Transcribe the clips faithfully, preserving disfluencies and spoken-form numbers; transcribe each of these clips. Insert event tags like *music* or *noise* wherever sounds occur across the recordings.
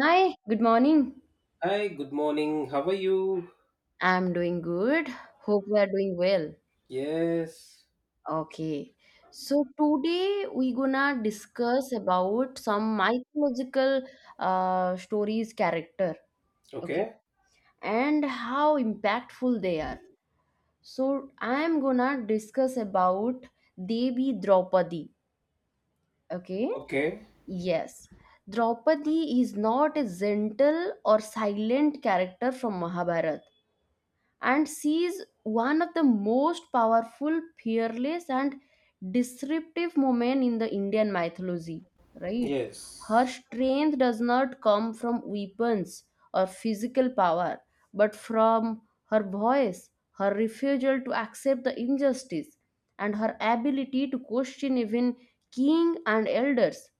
Hi, good morning. Hi, good morning. How are you? I'm doing good. Hope we are doing well. Yes. Okay. So today we gonna discuss about some mythological uh, stories character, okay, Okay. and how impactful they are. So I am gonna discuss about Devi Draupadi, okay? Okay. Yes. Draupadi is not a gentle or silent character from Mahabharata, and sees one of the most powerful, fearless, and disruptive women in the Indian mythology, right? Her Yes. strength does not come from weapons or physical power, but from her voice, her refusal to accept the injustice, and her ability to question even king and elders.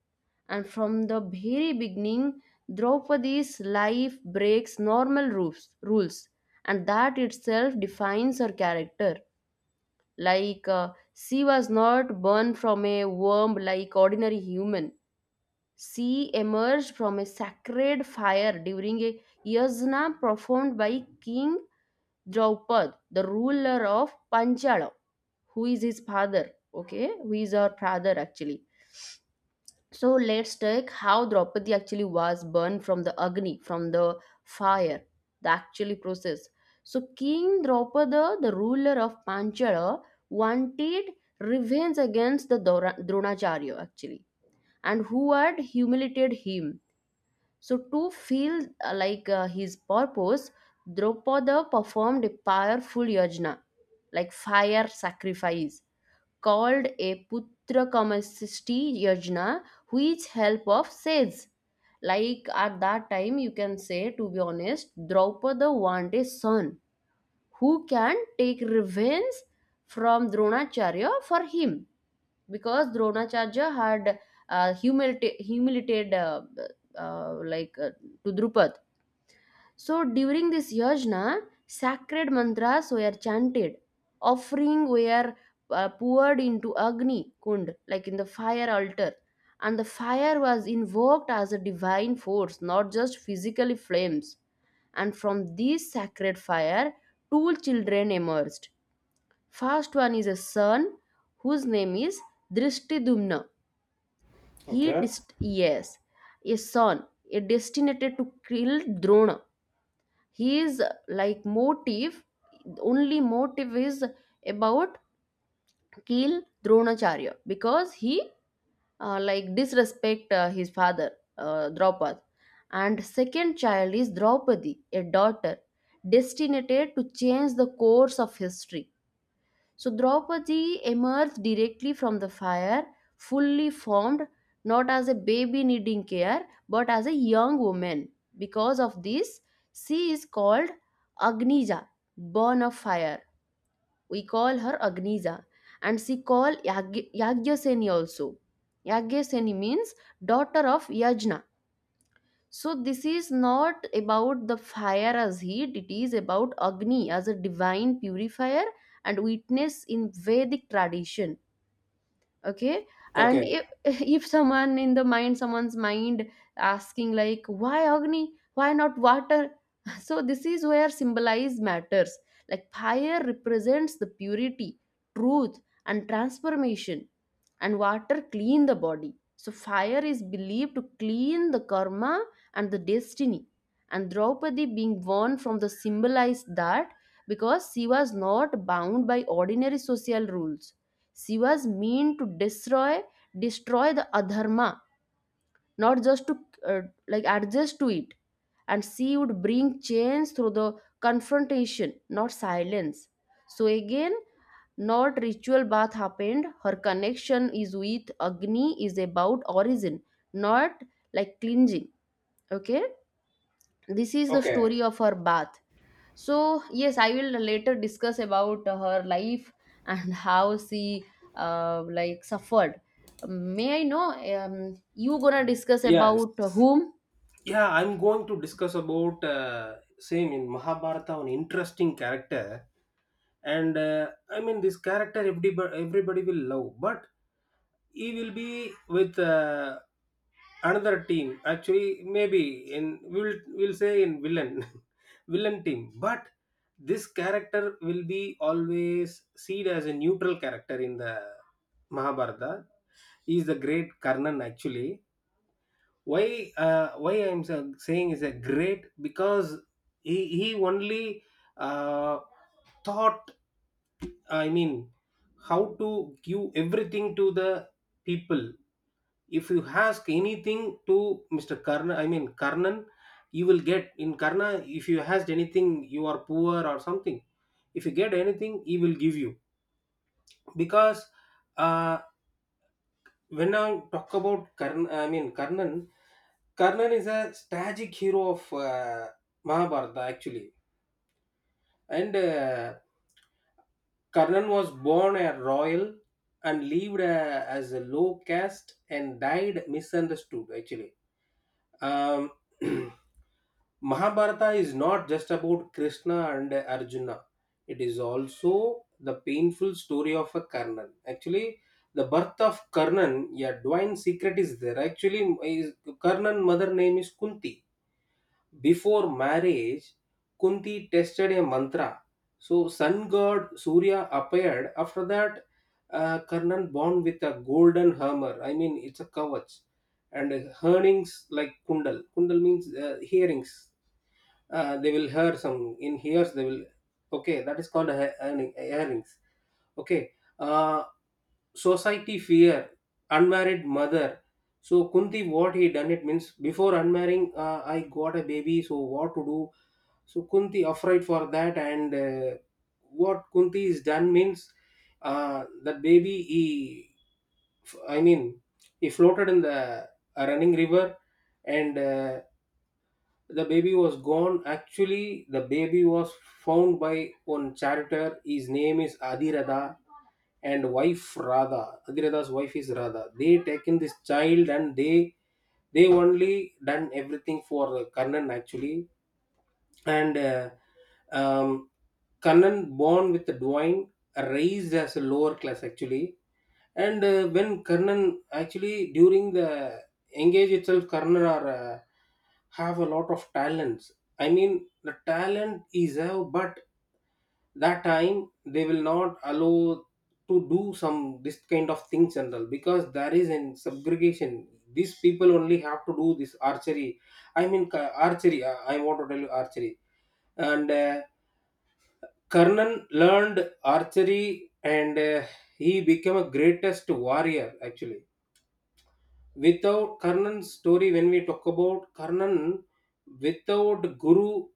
And from the very beginning, Draupadi's life breaks normal rules, rules and that itself defines her character, like uh, she was not born from a worm like ordinary human. She emerged from a sacred fire during a yajna performed by king Draupad, the ruler of Panchala, who is his father, okay, who is her father actually. So let's take how Draupadi actually was burned from the Agni, from the fire, the actually process. So King Draupada, the ruler of Panchala, wanted revenge against the Dora- Dronacharya actually, and who had humiliated him. So to feel uh, like uh, his purpose, Draupada performed a powerful yajna, like fire sacrifice called a Putra Kamasti Yajna, which help of sage. Like at that time, you can say, to be honest, Draupada want a son who can take revenge from Dronacharya for him because Dronacharya had uh, humilita- humiliated uh, uh, like uh, to Drupad. So during this yajna, sacred mantras were chanted, offering were uh, poured into Agni Kund, like in the fire altar, and the fire was invoked as a divine force, not just physically flames. And from this sacred fire, two children emerged. First one is a son whose name is Drishtidumna. He Okay. Dist- yes, a son, a destined to kill Drona, his like motive, only motive is about kill Dronacharya because he uh, like disrespect uh, his father, uh, Draupad. And second child is Draupadi, a daughter destined to change the course of history. So Draupadi emerged directly from the fire, fully formed, not as a baby needing care, but as a young woman. Because of this, she is called Agnija, born of fire. We call her Agnija. And she called Yag- Yagyaseni also. Yagyaseni means daughter of Yajna. So this is not about the fire as heat, it is about Agni as a divine purifier and witness in Vedic tradition. Okay. And Okay. if *laughs* if someone in the mind, someone's mind asking like, why Agni? Why not water? *laughs* So this is where symbolize matters. Like fire represents the purity, truth, and transformation, and water clean the body. So fire is believed to clean the karma and the destiny. And Draupadi being born from the symbolized that, because she was not bound by ordinary social rules. She was meant to destroy destroy the adharma, not just to uh, like adjust to it, and she would bring change through the confrontation, not silence. So again, not ritual bath happened, her connection is with Agni is about origin, not like cleansing. Okay, this is the Okay. story of her bath. So yes, I will later discuss about her life *laughs* and how she uh, like suffered. May I know, um, you gonna discuss Yes. about whom? Yeah, I'm going to discuss about uh, same in Mahabharata, an interesting character, and uh, I mean this character everybody everybody will love, but he will be with uh, another team. Actually, maybe in we'll we'll say in villain *laughs* villain team, but this character will be always seen as a neutral character in the Mahabharata. He is the great Karnan actually. Why uh, why i'm sa- saying is a great because he he only uh, thought, I mean, how to give everything to the people. If you ask anything to Mr. Karna, I mean Karnan, you will get in Karna. If you asked anything, you are poor or something, if you get anything, he will give you. Because uh, when I talk about Karn, I mean Karnan, Karnan is a tragic hero of uh, Mahabharata actually, and uh, Karnan was born a royal and lived uh, as a low caste and died misunderstood actually. um, *clears throat* Mahabharata is not just about Krishna and Arjuna. It is also the painful story of a Karnan. Actually, the birth of Karnan, yeah, divine secret is there. Actually, is, Karnan mother name is Kunti. Before marriage, Kunti tested a mantra. So, sun god Surya appeared. After that, uh, Karnan born with a golden hammer. I mean, it's a kavach. And earnings like kundal. Kundal means uh, hearings. Uh, they will hear some. In hears, they will. Okay, that is called a, earning, earnings. Okay. Uh, society fear, unmarried mother. So Kunti, what he done it means before unmarrying, uh, I got a baby. So what to do? So Kunti afraid for that, and uh, what Kunti is done means uh, that baby he, I mean, he floated in the a running river, and uh, the baby was gone. Actually, the baby was found by one charioteer. His name is Adirada and wife Radha, Adhirada's wife is Radha. They taken this child and they they only done everything for Karnan actually. And uh, um, Karnan born with the divine, raised as a lower class actually. And uh, when Karnan actually during the engage itself, Karnan are uh, have a lot of talents. I mean, the talent is have, but that time they will not allow to do some this kind of things and all because there is in segregation. These people only have to do this archery. I mean, ca- archery. Uh, I want to tell you archery and. Uh, Karnan learned archery and uh, he became a greatest warrior actually. Without Karnan's story, when we talk about Karnan, without Guru,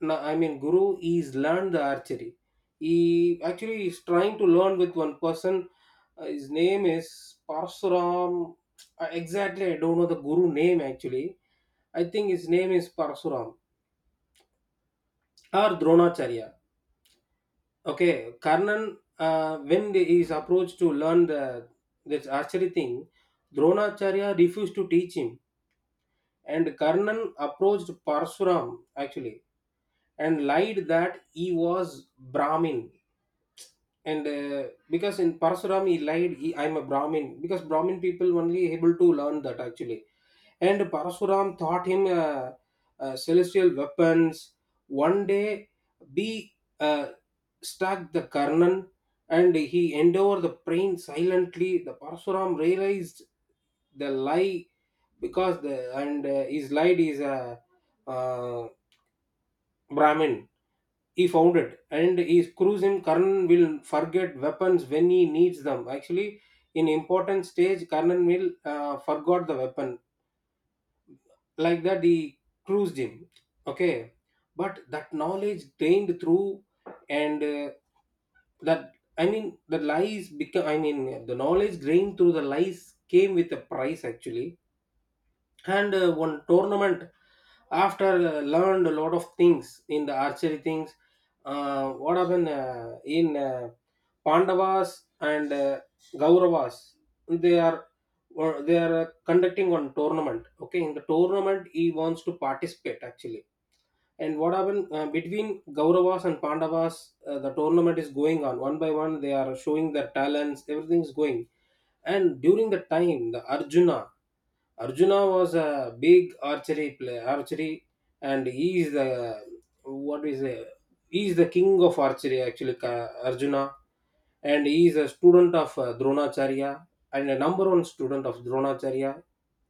no, I mean Guru is learned the archery. He actually is trying to learn with one person. Uh, his name is Parsuram. Uh, exactly, I don't know the Guru name actually. I think his name is Parsuram or Dronacharya. Okay, Karnan, uh, when he is approached to learn the this archery thing, Dronacharya refused to teach him, and Karnan approached Parsuram actually and lied that he was Brahmin, and uh, because in Parsuram he lied, he, I'm a Brahmin because Brahmin people only able to learn that actually. And Parasuram taught him uh, uh, celestial weapons. One day, B uh, struck the Karnan and he endured the pain silently. The Parasuram realized the lie because the and uh, his lied is a uh, Brahmin. He found it and he screws him. Karnan will forget weapons when he needs them. Actually, in important stage, Karnan will uh, forgot the weapon, like that he cruised him. Okay, but that knowledge gained through and uh, that I mean the lies become, I mean, the knowledge gained through the lies came with a price actually. And uh, one tournament, after uh, learned a lot of things in the archery things, uh, what happened uh, in uh, Pandavas and uh, Gauravas, they are or they are uh, conducting one tournament. Okay, in the tournament he wants to participate actually. And what happened uh, between Gauravas and Pandavas, uh, the tournament is going on, one by one they are showing their talents, everything is going. And during the time the Arjuna, Arjuna was a big archery player, archery, and he is the what is a, he is the king of archery actually, Ka- Arjuna, and he is a student of uh, Dronacharya and a number one student of Dronacharya.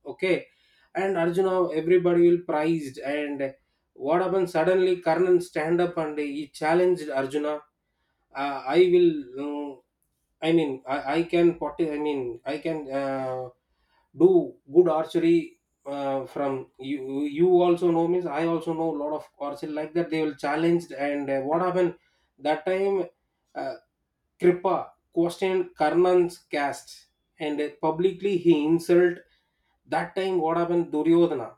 Okay, and Arjuna, everybody will prized, and what happened suddenly? Karnan stand up and he challenged Arjuna. Uh, I will. um, I mean, I, I can pot. I mean, I can uh, do good archery uh, from you. You also know means I also know a lot of archery, like that. They will challenged and uh, what happened that time? Uh, Kripa questioned Karnan's caste and uh, publicly he insult. That time what happened? Duryodhana.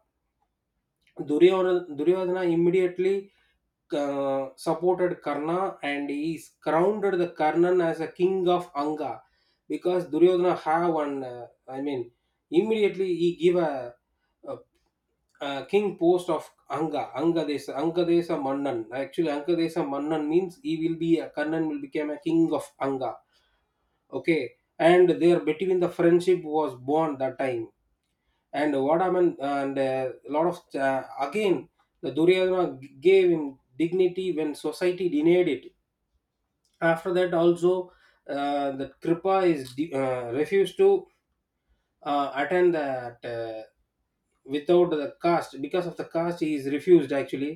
Duryodhana, Duryodhana immediately uh, supported Karna and he is crowned the Karnan as a king of Anga because Duryodhana have one uh, I mean immediately he give a, a, a king post of Anga, Angadesa, Angadesa Mannan actually. Angadesa Mannan means he will be a Karnan will become a king of Anga. Okay, and there between the friendship was born that time. And what happened and uh, a lot of uh, again the Duryodhana g- gave him dignity when society denied it. After that also, uh, that Kripa is de- uh, refused to uh, attend that uh, without the caste, because of the caste he is refused actually.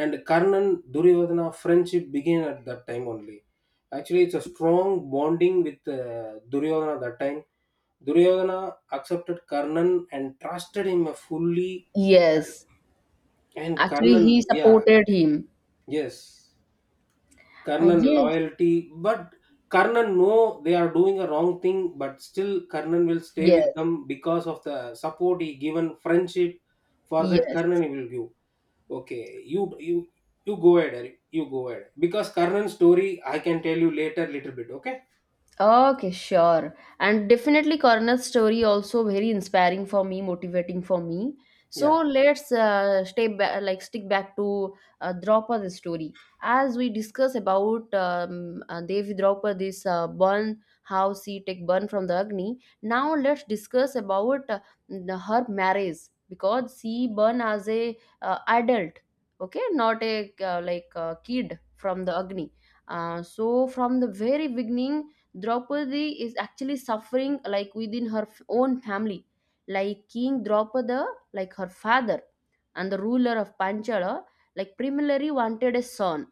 And Karnan Duryodhana friendship began at that time only. Actually, it's a strong bonding with uh, Duryodhana that time. Duryodhana accepted Karnan and trusted him fully. Yes. And Actually Karnan, he yeah. supported him. Yes, Uh, Karnan yes. loyalty, but Karnan know they are doing a wrong thing, but still Karnan will stay Yes. with them because of the support he given, friendship. For that Yes. Karnan he will give. Okay, you you you go ahead, Eric. You go ahead because Karnan story I can tell you later, little bit. Okay, Okay, sure. And definitely Coroner's story also very inspiring for me, motivating for me. So yeah, let's uh, stay ba- like stick back to uh, Draupadi's story. As we discuss about um, uh, Devi Draupadi's uh, burn, how she take burn from the Agni. Now let's discuss about uh, the- her marriage, because she burn as a uh, adult, okay, not a uh, like uh, kid from the Agni. Uh, so from the very beginning Draupadi is actually suffering like within her f- own family. Like King Draupada, like her father and the ruler of Panchala, like primarily wanted a son,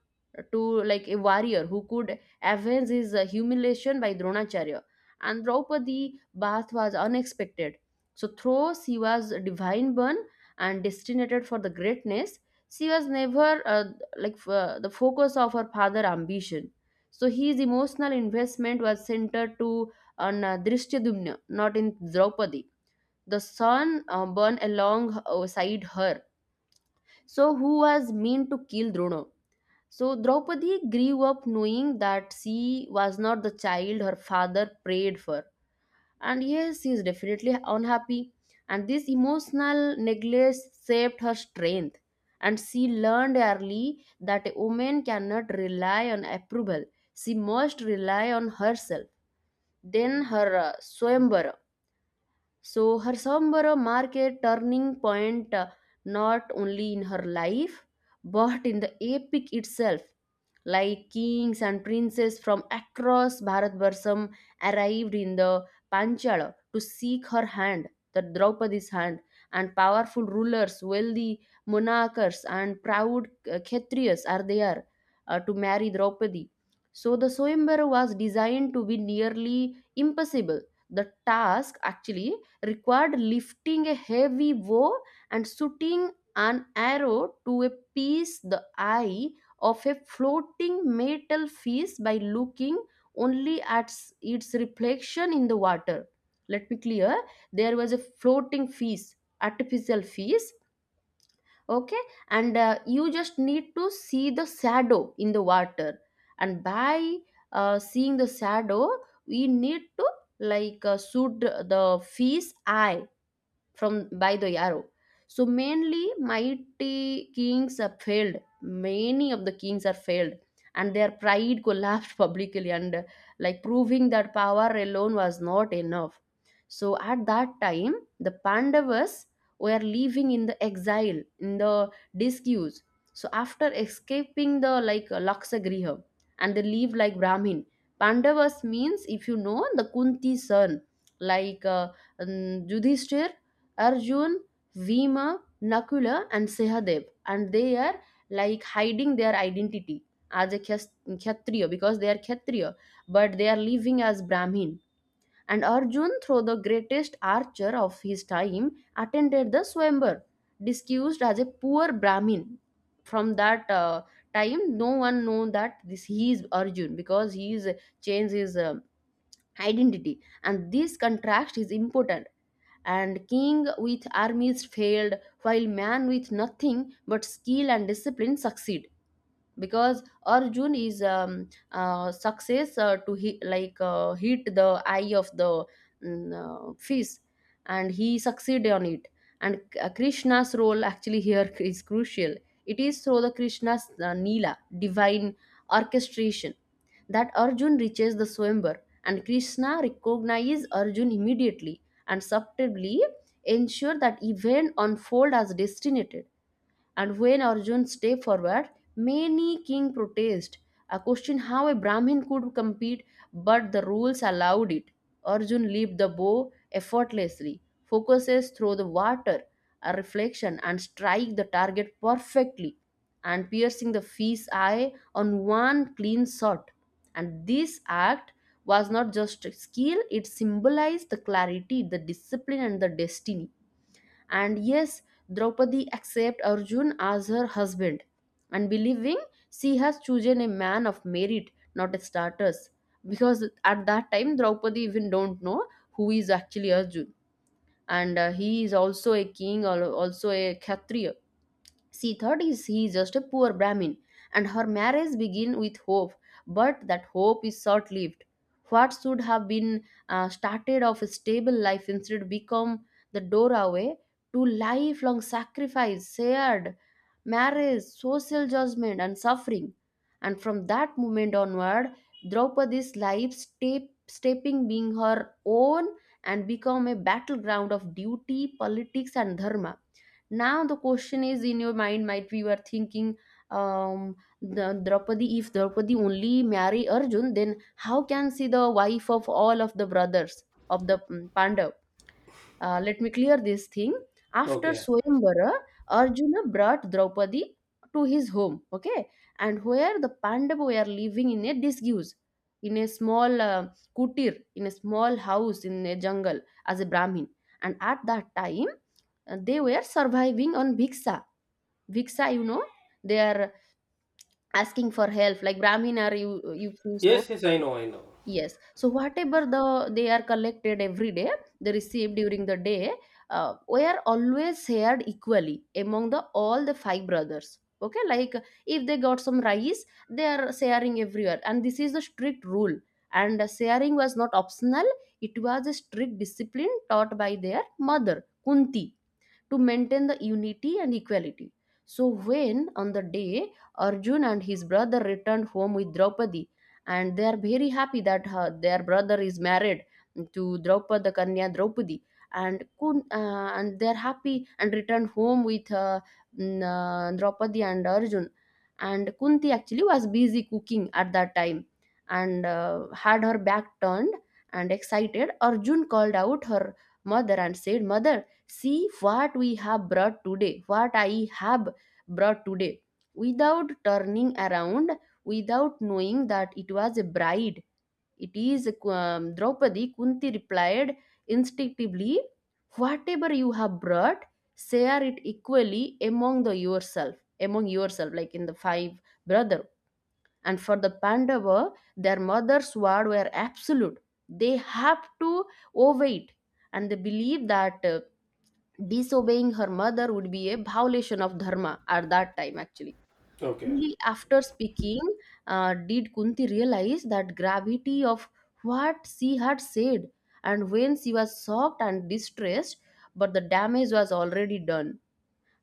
to like a warrior who could avenge his uh, humiliation by Dronacharya. And Draupadi bath was unexpected. So though she was a divine born and destined for the greatness, she was never uh, like f- uh, the focus of her father ambition. So his emotional investment was centered to on uh, Drishtyadumna, not in Draupadi. The son uh, born alongside her, so who was meant to kill Drona. So Draupadi grew up knowing that she was not the child her father prayed for, and yes she is definitely unhappy, and this emotional neglect saved her strength, and she learned early that a woman cannot rely on approval, she must rely on herself. Then her uh, swayamvara, so her Sambara mark a turning point, uh, not only in her life but in the epic itself. Like kings and princes from across Bharatvarsam arrived in the Panchala to seek her hand, the Draupadi's hand, and powerful rulers, wealthy monarchs, and proud uh, Kshatriyas are there uh, to marry Draupadi. So the Soyambara was designed to be nearly impossible. The task actually required lifting a heavy bow and shooting an arrow to a pierce the eye of a floating metal fish by looking only at s- its reflection in the water. Let me clear. There was a floating fish, artificial fish. Okay, and uh, you just need to see the shadow in the water, and by uh, seeing the shadow, we need to like uh, shoot the fish eye from by the arrow. So mainly mighty kings are failed. Many of the kings are failed, and their pride collapsed *laughs* publicly, and uh, like proving that power alone was not enough. So at that time, the Pandavas were living in the exile, in the disuse. So after escaping the like Laksagriha, and they live like Brahmin. Pandavas means, if you know, the Kunti son, like uh, um, Yudhishthir, Arjun, Vima, Nakula, and Sahadev, and they are like hiding their identity as a Kshas- Kshatriya because they are Kshatriya, but they are living as Brahmin. And Arjun, through the greatest archer of his time, attended the Swayamvar, disguised as a poor Brahmin. From that uh, time, no one know that this he is Arjun because he is changed his um identity, and this contrast is important, and king with armies failed while man with nothing but skill and discipline succeeded, because Arjun is um, uh, success uh, to hit like uh, hit the eye of the mm, uh, fish, and he succeeded on it. And K- krishna's role actually here *laughs* is crucial. It is through the Krishna's uh, nila divine orchestration that Arjun reaches the swambar, and Krishna recognizes Arjun immediately and subtly ensure that event unfold as destinated. And when Arjun stepped forward, many king protested, a question how a Brahmin could compete, but the rules allowed it. Arjun leaped the bow effortlessly, focuses through the water, a reflection, and strike the target perfectly, and piercing the fish's eye on one clean shot. And this act was not just skill, it symbolized the clarity, the discipline, and the destiny. And yes, Draupadi accepts Arjun as her husband and believing she has chosen a man of merit, not a status. Because at that time, Draupadi even don't know who is actually Arjun, and uh, he is also a king or also a Kshatriya. She thought is he is just a poor Brahmin, and her marriage begin with hope, but that hope is short lived. What should have been uh, started of a stable life instead become the doorway to lifelong sacrifice, shared marriage, social judgment, and suffering. And from that moment onward, Draupadi's life step, stepping being her own and become a battleground of duty, politics, and dharma. Now the question is in your mind might be you are thinking, um the Draupadi, if Draupadi only marry Arjun then how can she the wife of all of the brothers of the mm, Pandav? Uh, let me clear this thing. After okay, Swayamvara, Arjuna brought Draupadi to his home, okay, and where the Pandava were living in a disguise, in a small uh, kutir, in a small house in a jungle as a Brahmin. And at that time, uh, they were surviving on bhiksha. Bhiksha, you know, they are asking for help. Like Brahmin are you, you so? yes, yes, I know, I know. Yes. So whatever the they are collected every day, they receive during the day, uh, were always shared equally among the all the five brothers. Okay, like if they got some rice, they are sharing everywhere, and this is the strict rule. And sharing was not optional; it was a strict discipline taught by their mother Kunti to maintain the unity and equality. So, when on the day Arjun and his brother returned home with Draupadi, and they are very happy that her, their brother is married to Draupada Kanya Draupadi, and kun- uh, and they are happy and returned home with uh, mm, uh, Draupadi and Arjun. And Kunti actually was busy cooking at that time and uh, had her back turned and excited. Arjun called out her mother and said, "Mother, see what we have brought today what i have brought today without turning around, without knowing that it was a bride. It is um, Draupadi. Kunti replied instinctively, "Whatever you have brought, share it equally among the yourself, among yourself," like in the five brother. And for the Pandava, their mother's word were absolute. They have to obey it, and they believe that uh, disobeying her mother would be a violation of dharma at that time actually. Okay, Only after speaking uh, did Kunti realize that gravity of what she had said, and when she was shocked and distressed, but the damage was already done.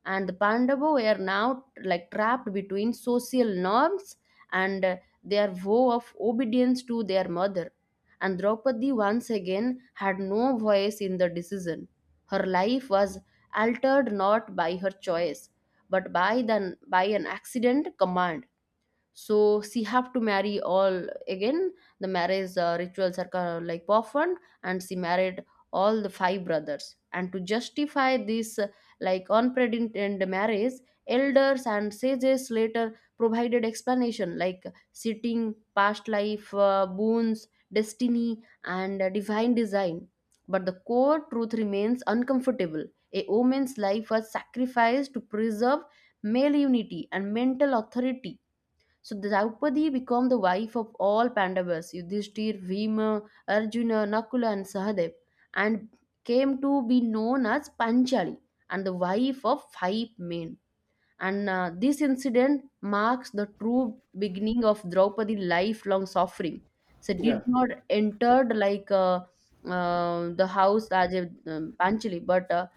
And the Pandava were now like trapped between social norms and uh, their vow of obedience to their mother. And Draupadi once again had no voice in the decision. Her life was altered not by her choice, but by, the, by an accident command. So she have to marry all again. The marriage uh, rituals are kind of like performed, and she married all the five brothers. And to justify this uh, like unprecedented marriage, elders and sages later provided explanation like sitting past life uh, boons, destiny, and uh, divine design. But the core truth remains uncomfortable: a woman's life was sacrificed to preserve male unity and mental authority. So Draupadi became the wife of all Pandavas, Yudhishthir, Bhima, Arjuna, Nakula, and Sahadev, and came to be known as Panchali, and the wife of five men. And uh, This incident marks the true beginning of Draupadi's lifelong suffering. So did yeah, not entered like uh, uh, the house as a um, Panchali, but uh,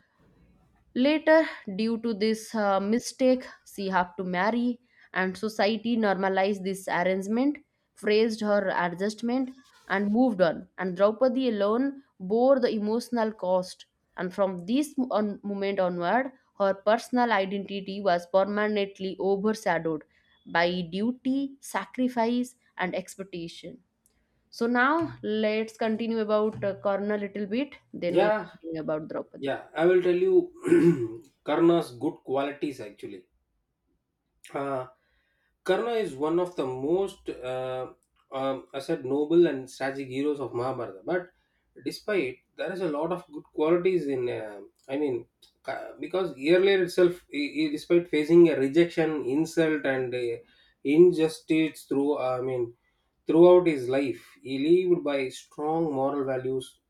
later, due to this uh, mistake, she had to marry, and society normalized this arrangement, praised her adjustment, and moved on. And Draupadi alone bore the emotional cost. And from this mo- on, moment onward, her personal identity was permanently overshadowed by duty, sacrifice, and expectation. So now let's continue about uh, Karna little bit. Then we'll yeah, continue about Draupadi. yeah. I will tell you *clears throat* Karna's good qualities actually. Uh, Karna is one of the most, uh, um, I said, noble and tragic heroes of Mahabharata. But despite, there is a lot of good qualities in, uh, I mean, Ka- because earlier itself, he, he- despite facing a rejection, insult, and uh, injustice through, uh, I mean, throughout his life, he lived by strong moral values.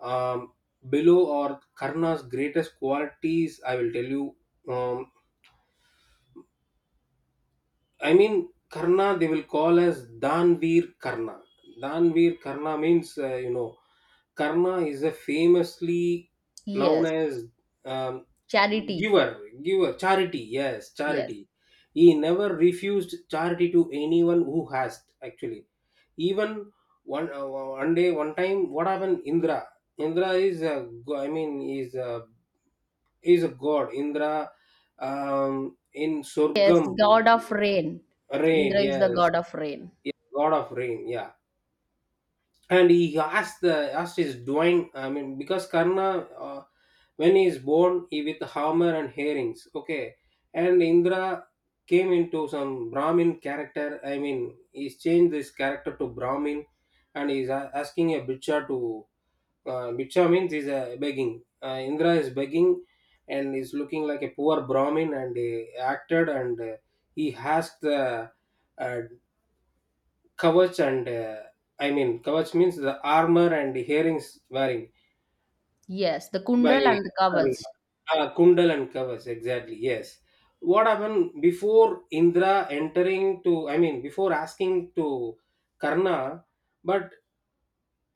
Um, below or Karna's greatest qualities, I will tell you. Um, I mean, Karna, they will call as Danveer Karna. Danveer Karna means, uh, you know, Karna is a famously known Yes, as um, charity. giver, giver, charity. Yes, Yes. charity. He never refused charity to anyone who has actually. Even one uh, one day, one time, what happened? Indra. Indra is, uh, go- I mean, is uh, is a god. Indra um, in Yes, Surgam, god of rain. Indra rain, is the yes, god of rain. yeah, god of rain, yeah. And he asked the asked his dwine. I mean, because Karna, uh, when he is born, he with hammer and herrings. Okay, and Indra came into some Brahmin character. I mean, he's changed this character to Brahmin, and he's a- asking a butcher to uh, Bhiksha means is uh, begging. Uh, Indra is begging and is looking like a poor Brahmin and he acted and uh, he has the uh, kavach and uh, I mean kavach means the armor and herrings wearing Yes, the by kundal and the Karna. kavach. Uh, Kundal and kavach exactly, yes. What happened before Indra entering to, I mean before asking to Karna, but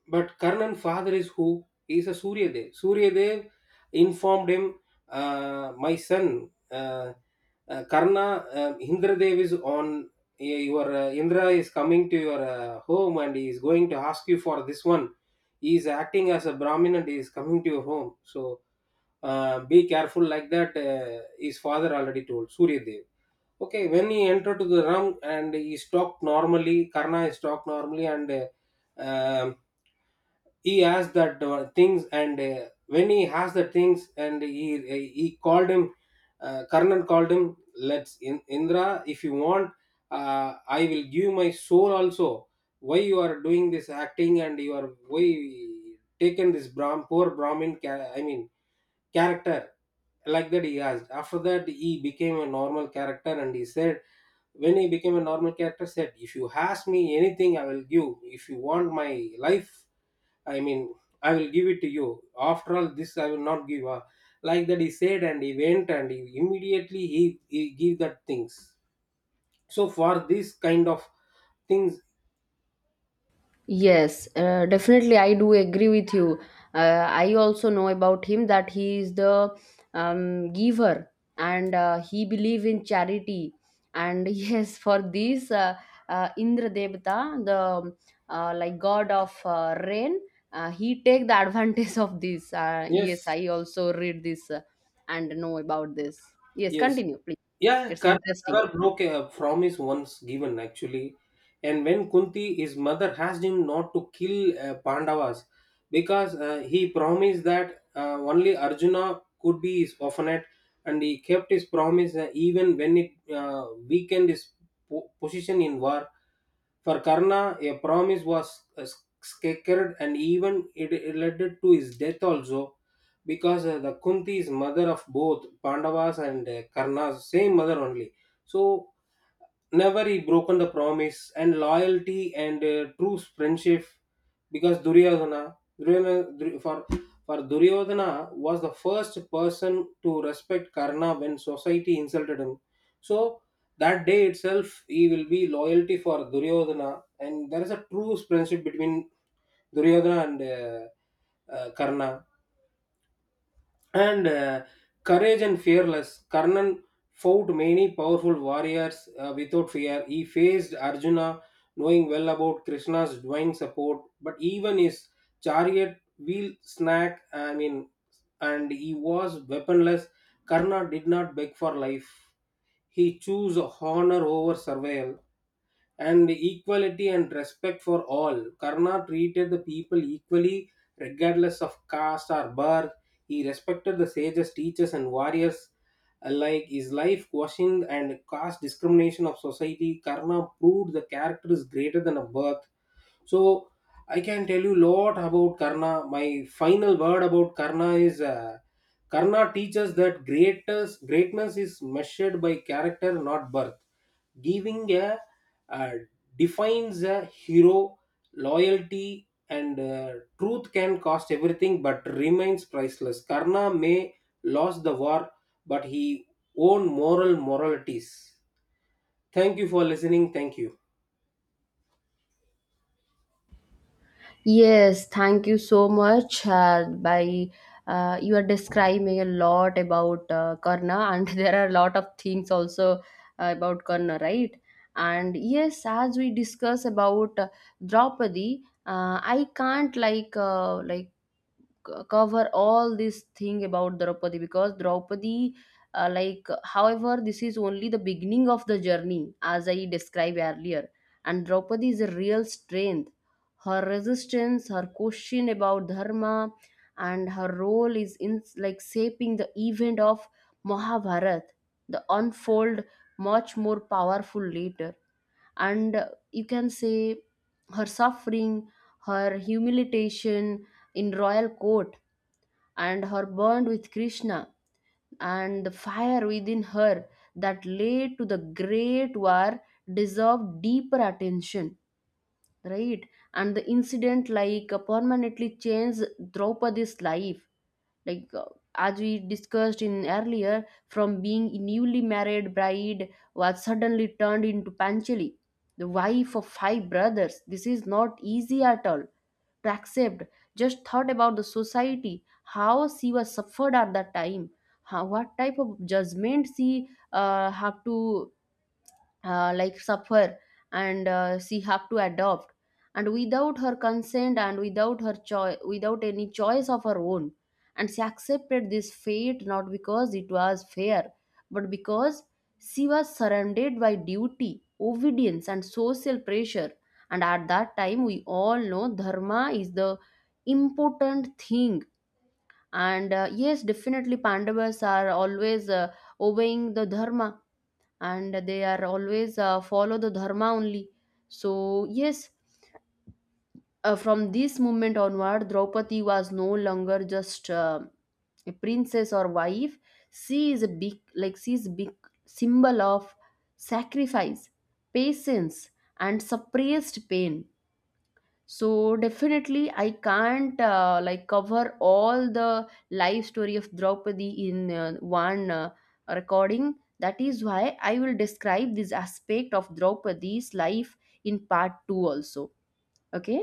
But Karnan father is who? He is a Suryadev. Suryadev informed him, uh, my son, uh, uh, Karna, uh, Indradev is on, your uh, Indra is coming to your uh, home and he is going to ask you for this one. He is acting as a Brahmin and he is coming to your home. So uh, be careful, like that, uh, his father already told, Suryadev. Okay, when he entered to the room and he stopped normally, Karna stopped normally and uh, um, he asked that uh, things and uh, when he asked the things and he he called him, uh, Karnan called him, let's in, Indra, if you want, uh, I will give my soul also. Why you are doing this acting and you are why taken this Brahm, poor Brahmin, ca- I mean character, like that he asked. After that he became a normal character and he said, when he became a normal character said, if you ask me anything I will give, if you want my life, I mean, I will give it to you. After all this, I will not give up, like that he said. And he went and he immediately he, he gave that things. So for this kind of things, Yes, uh, definitely. I do agree with you. Uh, I also know about him that he is the um, giver, and uh, he believe in charity. And *laughs* yes, for this uh, uh, Indra Devata, the uh, like god of uh, rain, uh, he take the *laughs* advantage of this. Uh, yes, yes. I also read this uh, and know about this. Yes, Yes. continue, please. Yeah, It's Karna interesting. never broke a promise once given actually. And when Kunti, his mother, asked him not to kill uh, Pandavas because uh, he promised that uh, only Arjuna could be his orphanate, and he kept his promise uh, even when it uh, weakened his po- position in war. For Karna, a promise was uh, sacred, and even it, it led to his death also, because uh, the Kunti is mother of both Pandavas and uh, Karna's same mother only. So never he broken the promise and loyalty and uh, true friendship. Because Duryodhana, Duryodhana Dur- for for Duryodhana was the first person to respect Karna when society insulted him. So that day itself he will be loyalty for Duryodhana, and there is a true friendship between Duryodhana and uh, uh, Karna. And uh, courage and fearless Karnan fought many powerful warriors uh, without fear. He faced Arjuna knowing well about Krishna's divine support, but even his chariot wheel snack, I mean, and he was weaponless, Karna did not beg for life. He chose honor over survival. And equality and respect for all, Karna treated the people equally regardless of caste or birth. He respected the sages, teachers, and warriors alike. His life questioned and caste discrimination of society. Karna proved the character is greater than a birth. So I can tell you lot about Karna. My final word about Karna is uh, Karna teaches that greatest greatness is measured by character, not birth. Giving a uh, defines a hero. Loyalty and uh, truth can cost everything but remains priceless. Karna may lost the war, but he own moral moralities. Thank you for listening. Thank you. Yes, thank you so much. Uh, by uh, you are describing a lot about uh, Karna, and *laughs* there are a lot of things also uh, about Karna, right? And yes, as we discuss about uh, Draupadi, uh, I can't like uh, like c- cover all this thing about Draupadi, because Draupadi, uh, like, however, this is only the beginning of the journey, as I described earlier. And Draupadi is a real strength. Her resistance, her question about dharma, and her role is in like shaping the event of Mahabharat, the unfold much more powerful later, and uh, you can say her suffering, her humiliation in royal court, and her bond with Krishna, and the fire within her that led to the great war deserved deeper attention, right? And the incident like uh, permanently changed Draupadi's life, like uh, as we discussed in earlier, from being a newly married bride was suddenly turned into Panchali, the wife of five brothers. This is not easy at all to accept. Just thought about the society, how she was suffered at that time, how, what type of judgment she uh, have to uh, like suffer and uh, she have to adopt, and without her consent and without her choice, without any choice of her own. And she accepted this fate, not because it was fair, but because she was surrounded by duty, obedience, and social pressure. And at that time we all know dharma is the important thing. And uh, yes, definitely Pandavas are always uh, obeying the dharma, and they are always uh, follow the dharma only. So yes, uh, from this moment onward, Draupadi was no longer just uh, a princess or wife. She is a big like she is a big symbol of sacrifice, patience, and suppressed pain. So definitely I can't uh, like cover all the life story of Draupadi in uh, one uh, recording. That is why I will describe this aspect of Draupadi's life in part two also. Okay,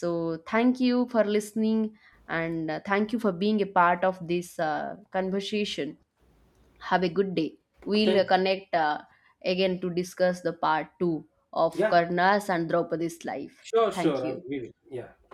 so thank you for listening, and uh, thank you for being a part of this uh, conversation. Have a good day. We'll uh, Thank. connect uh, again to discuss the part two of Yeah, Karna's and Draupadi's life. sure, Thank sure, I you. will. Yeah.